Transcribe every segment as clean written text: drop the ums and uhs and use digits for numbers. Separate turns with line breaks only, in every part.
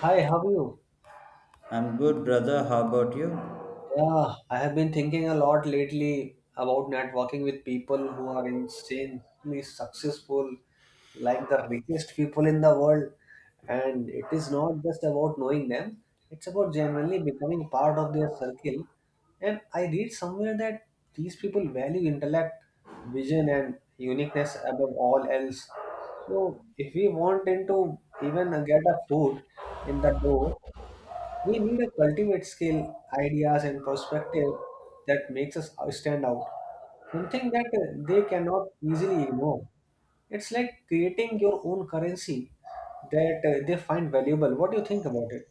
Hi, how are you?
I'm good, brother. How about you?
Yeah, I have been thinking a lot lately about networking with people who are insanely successful, like the richest people in the world. And it is not just about knowing them, it's about genuinely becoming part of their circle. And I read somewhere that these people value intellect, vision, and uniqueness above all else. So if we want into even get a foot in the door, we need a cultivate skill, ideas, and perspective that makes us stand out, something that they cannot easily ignore. It's like creating your own currency that they find valuable. What do you think about it?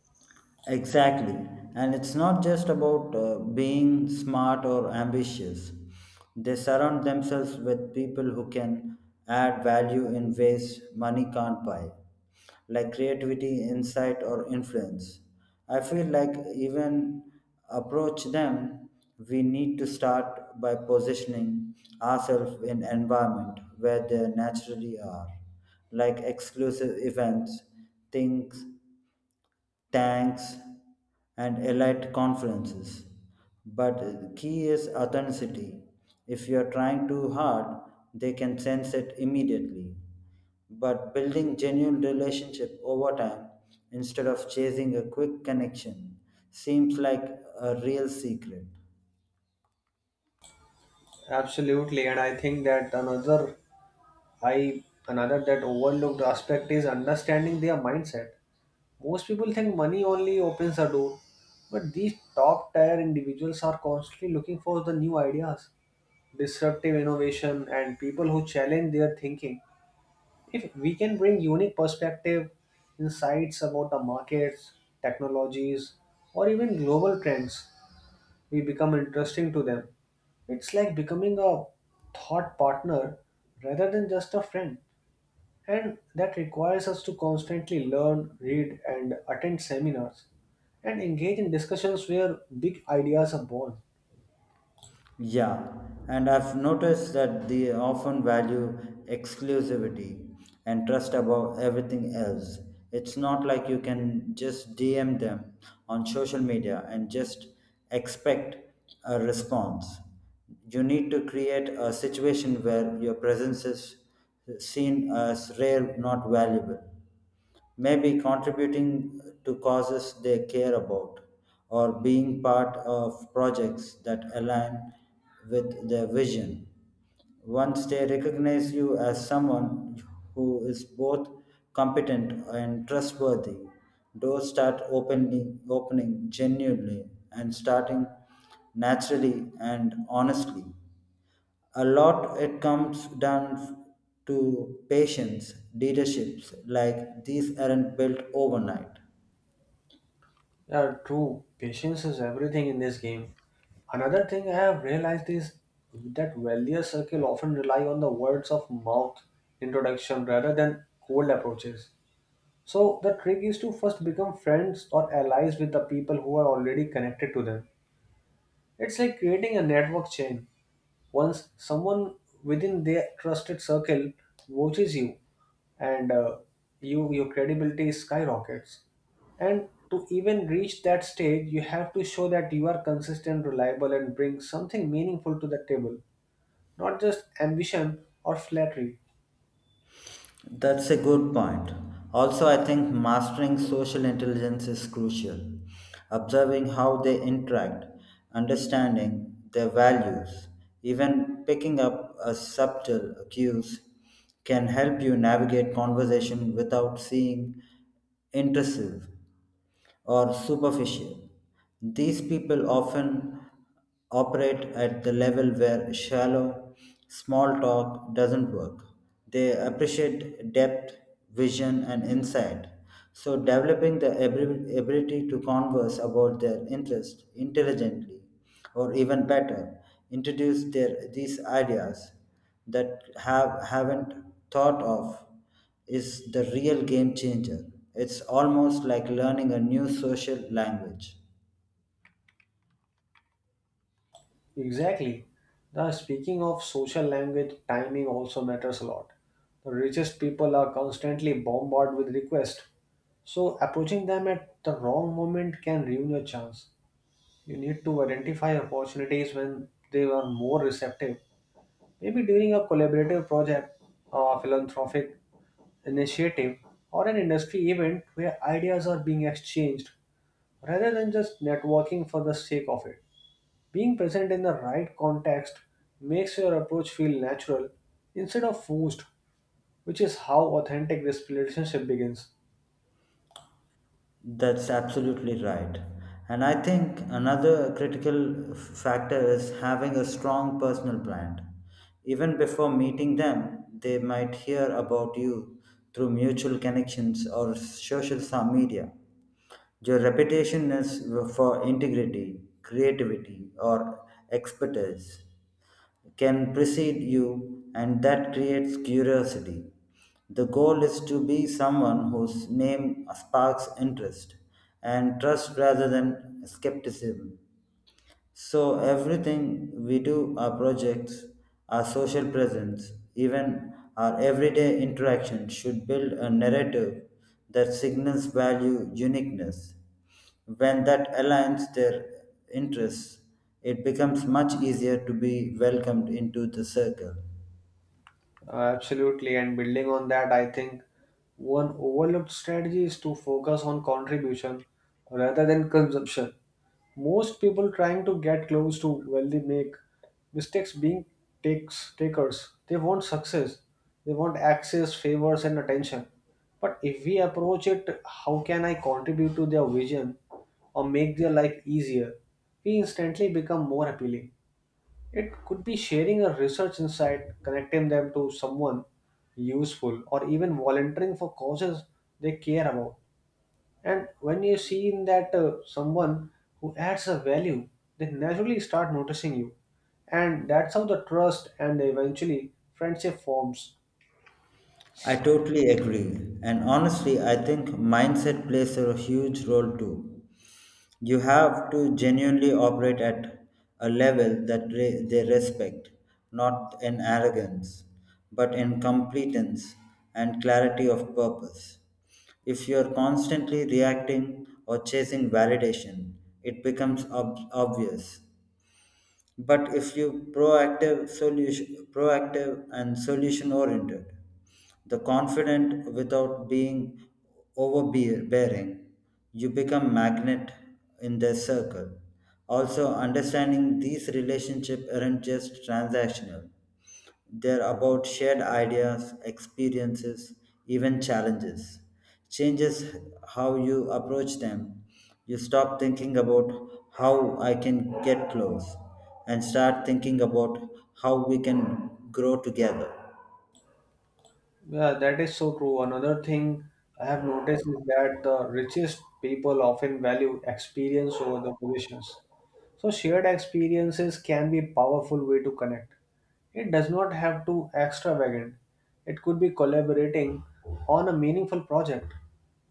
Exactly. And it's not just about being smart or ambitious. They surround themselves with people who can add value in ways money can't buy, like creativity, insight, or influence. I feel like even approach them, we need to start by positioning ourselves in environment where they naturally are, like exclusive events, things tanks, and elite conferences. But the key is authenticity. If you're trying too hard, they can sense it immediately. But building genuine relationship over time instead of chasing a quick connection seems like a real secret.
Absolutely, and I think that I another that overlooked aspect is understanding their mindset. Most people think money only opens a door, but these top tier individuals are constantly looking for the new ideas, disruptive innovation and people who challenge their thinking. If we can bring unique perspective, insights about the markets, technologies, or even global trends, we become interesting to them. It's like becoming a thought partner rather than just a friend, and that requires us to constantly learn, read, and attend seminars, and engage in discussions where big ideas are born.
Yeah, and I've noticed that they often value exclusivity and trust above everything else. It's not like you can just DM them on social media and just expect a response. You need to create a situation where your presence is seen as rare, not valuable. Maybe contributing to causes they care about or being part of projects that align with their vision. Once they recognize you as someone who is both competent and trustworthy, doors start opening, opening genuinely and starting naturally and honestly a lot it comes down to patience. Leaderships like these aren't built overnight.
Yeah, true. Patience is everything in this game. Another thing I have realized is that wealthier circle often rely on the words of mouth introduction rather than cold approaches. So the trick is to first become friends or allies with the people who are already connected to them. It's like creating a network chain. Once someone within their trusted circle watches you, and your credibility skyrockets. And to even reach that stage, you have to show that you are consistent, reliable, and bring something meaningful to the table, not just ambition or flattery.
That's a good point. Also, I think mastering social intelligence is crucial, observing how they interact, understanding their values, even picking up a subtle cues can help you navigate conversation without seeing intrusive or superficial. These people often operate at the level where shallow, small talk doesn't work. They appreciate depth, vision, and insight. So, developing the ability to converse about their interest intelligently, or even better, introduce their, these ideas that have, haven't thought of is the real game changer. It's almost like learning a new social language.
Exactly. Now, speaking of social language, timing also matters a lot. The richest people are constantly bombarded with requests, so approaching them at the wrong moment can ruin your chance. You need to identify opportunities when they are more receptive. Maybe during a collaborative project, a philanthropic initiative, or an industry event where ideas are being exchanged rather than just networking for the sake of it. Being present in the right context makes your approach feel natural instead of forced, which is how authentic this relationship begins.
That's absolutely right. And I think another critical factor is having a strong personal brand. Even before meeting them, they might hear about you through mutual connections or social media. Your reputation is for integrity, creativity, or expertise can precede you, and that creates curiosity. The goal is to be someone whose name sparks interest and trust rather than skepticism. So everything we do, our projects, our social presence, even our everyday interaction should build a narrative that signals value uniqueness. When that aligns their interests, it becomes much easier to be welcomed into the circle.
Absolutely, and building on that, I think one overlooked strategy is to focus on contribution rather than consumption. Most people trying to get close to wealthy make mistakes being takes takers. They want success, they want access, favors, and attention. But if we approach it, how can I contribute to their vision or make their life easier? We instantly become more appealing. It could be sharing a research insight, connecting them to someone useful, or even volunteering for causes they care about. And when you see in that someone who adds a value, they naturally start noticing you. And that's how the trust and eventually friendship forms.
I totally agree. And honestly, I think mindset plays a huge role too. You have to genuinely operate at a level that they respect, not in arrogance, but in competence and clarity of purpose. If you're constantly reacting or chasing validation, it becomes obvious. But if you proactive solution proactive and solution oriented, the confident without being overbearing, you become magnet in their circle. Also, understanding these relationship aren't just transactional, they're about shared ideas, experiences, even challenges. Changes how you approach them. You stop thinking about how I can get close and start thinking about how we can grow together.
Yeah, that is so true. Another thing I have noticed is that the richest people often value experience over the positions. So shared experiences can be powerful way to connect. It does not have to extravagant. It could be collaborating on a meaningful project,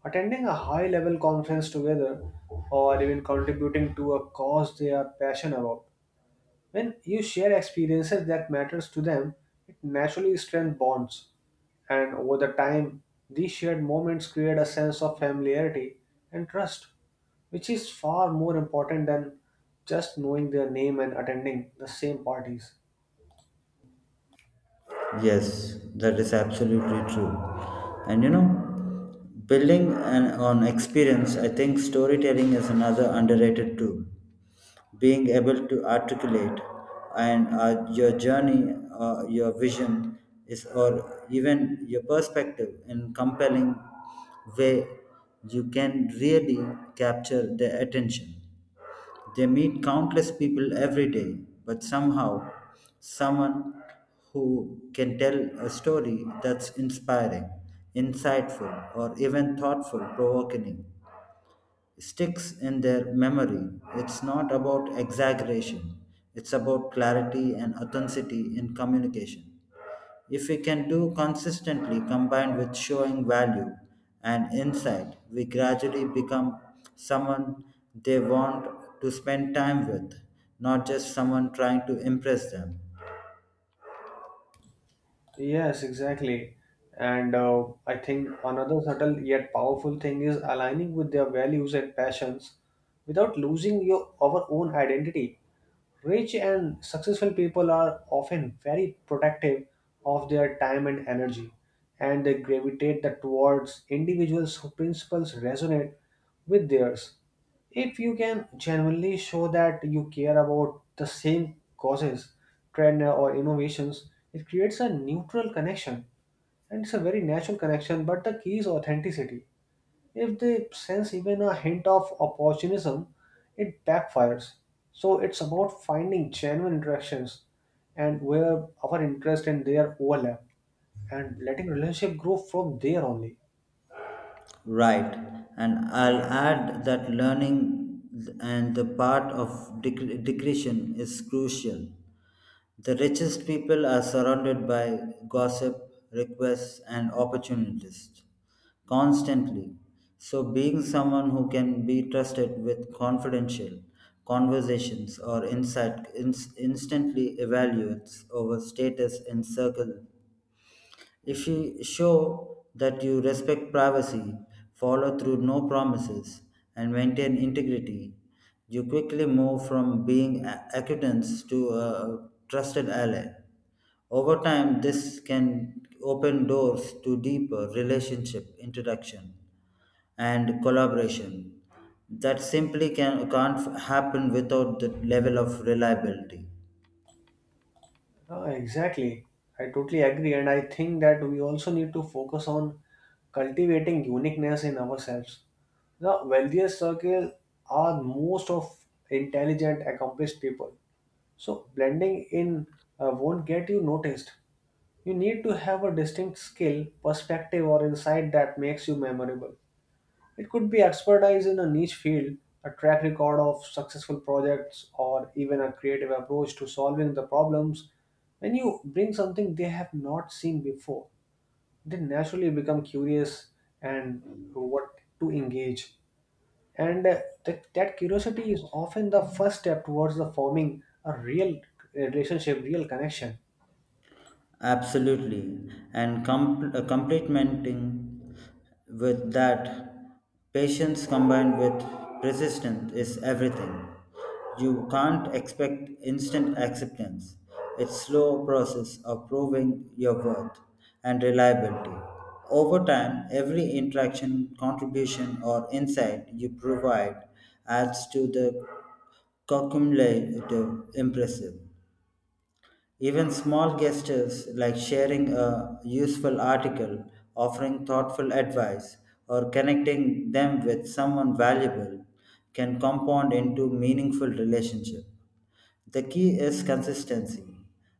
attending a high level conference together, or even contributing to a cause they are passionate about. When you share experiences that matters to them, it naturally strengthens bonds and over the time, these shared moments create a sense of familiarity and trust, which is far more important than just knowing their name and attending the same parties.
Yes, that is absolutely true. And you know, building an, on experience, I think storytelling is another underrated tool. Being able to articulate and your journey, your vision is, or even your perspective in compelling way, you can really capture their attention. They meet countless people every day, but somehow, someone who can tell a story that's inspiring, insightful, or even thoughtful provoking sticks in their memory. It's not about exaggeration, it's about clarity and authenticity in communication. If we can do consistently combined with showing value and insight, we gradually become someone they want to spend time with, not just someone trying to impress them.
Yes, exactly. And I think another subtle yet powerful thing is aligning with their values and passions without losing your our own identity. Rich and successful people are often very protective of their time and energy, and they gravitate towards individuals whose principles resonate with theirs. If you can genuinely show that you care about the same causes, trend, or innovations, it creates a neutral connection, and it's a very natural connection. But the key is authenticity, if they sense even a hint of opportunism, it backfires. So it's about finding genuine interactions and where our interest and their overlap, and letting relationship grow from there only.
Right, and I'll add that learning and the part of decretion is crucial. The richest people are surrounded by gossip, requests, and opportunities constantly. So, being someone who can be trusted with confidential conversations or insight instantly evaluates over status in circle. If you show that you respect privacy, follow through no promises, and maintain integrity, you quickly move from being acquaintance to a trusted ally. Over time, this can open doors to deeper relationship introduction and collaboration that simply can't happen without the level of reliability.
Exactly. I totally agree. And I think that we also need to focus on cultivating uniqueness in ourselves. The wealthiest circle are most of intelligent, accomplished people. So blending in won't get you noticed. You need to have a distinct skill, perspective, or insight that makes you memorable. It could be expertise in a niche field, a track record of successful projects, or even a creative approach to solving the problems. When you bring something they have not seen before, they naturally become curious and what to engage. And that curiosity is often the first step towards the forming a real relationship, real connection.
Absolutely. And complementing with that, patience combined with persistence is everything. You can't expect instant acceptance. It's slow process of proving your worth and reliability. Over time, every interaction, contribution, or insight you provide adds to the cumulative impressive. Even small gestures like sharing a useful article, offering thoughtful advice, or connecting them with someone valuable can compound into meaningful relationship. The key is consistency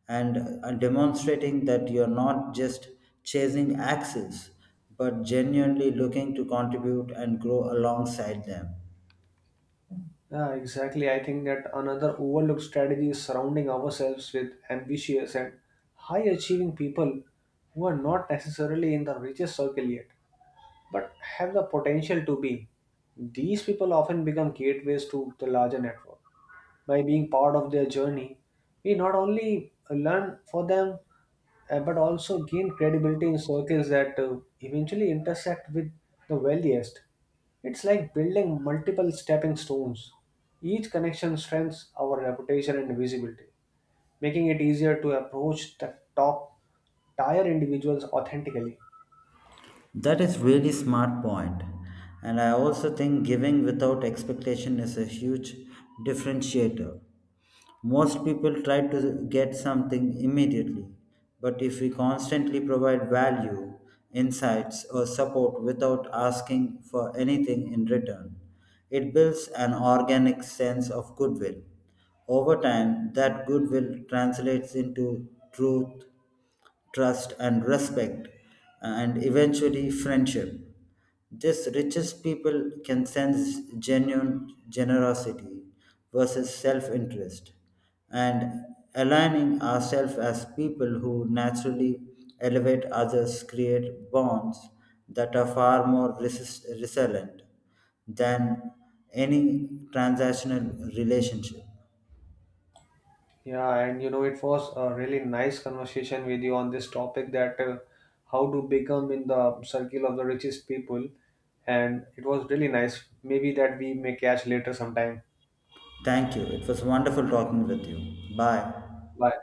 and demonstrating that you're not just chasing axes but genuinely looking to contribute and grow alongside them.
Yeah, exactly. I think that another overlooked strategy is surrounding ourselves with ambitious and high achieving people who are not necessarily in the richest circle yet, but have the potential to be. These people often become gateways to the larger network. By being part of their journey, we not only learn for them but also gain credibility in circles that eventually intersect with the wealthiest. It's like building multiple stepping stones. Each connection strengthens our reputation and visibility, making it easier to approach the top tier individuals authentically.
That is really smart point. And I also think giving without expectation is a huge differentiator. Most people try to get something immediately, but if we constantly provide value, insights, or support without asking for anything in return, it builds an organic sense of goodwill. Over time, that goodwill translates into trust, and respect, and eventually friendship. This richest people can sense genuine generosity versus self interest, and aligning ourselves as people who naturally elevate others create bonds that are far more resilient than any transactional relationship.
Yeah, and you know, it was a really nice conversation with you on this topic that how to become in the circle of the richest people. And it was really nice. Maybe that we may catch later sometime.
Thank you. It was wonderful talking with you. Bye.
Bye.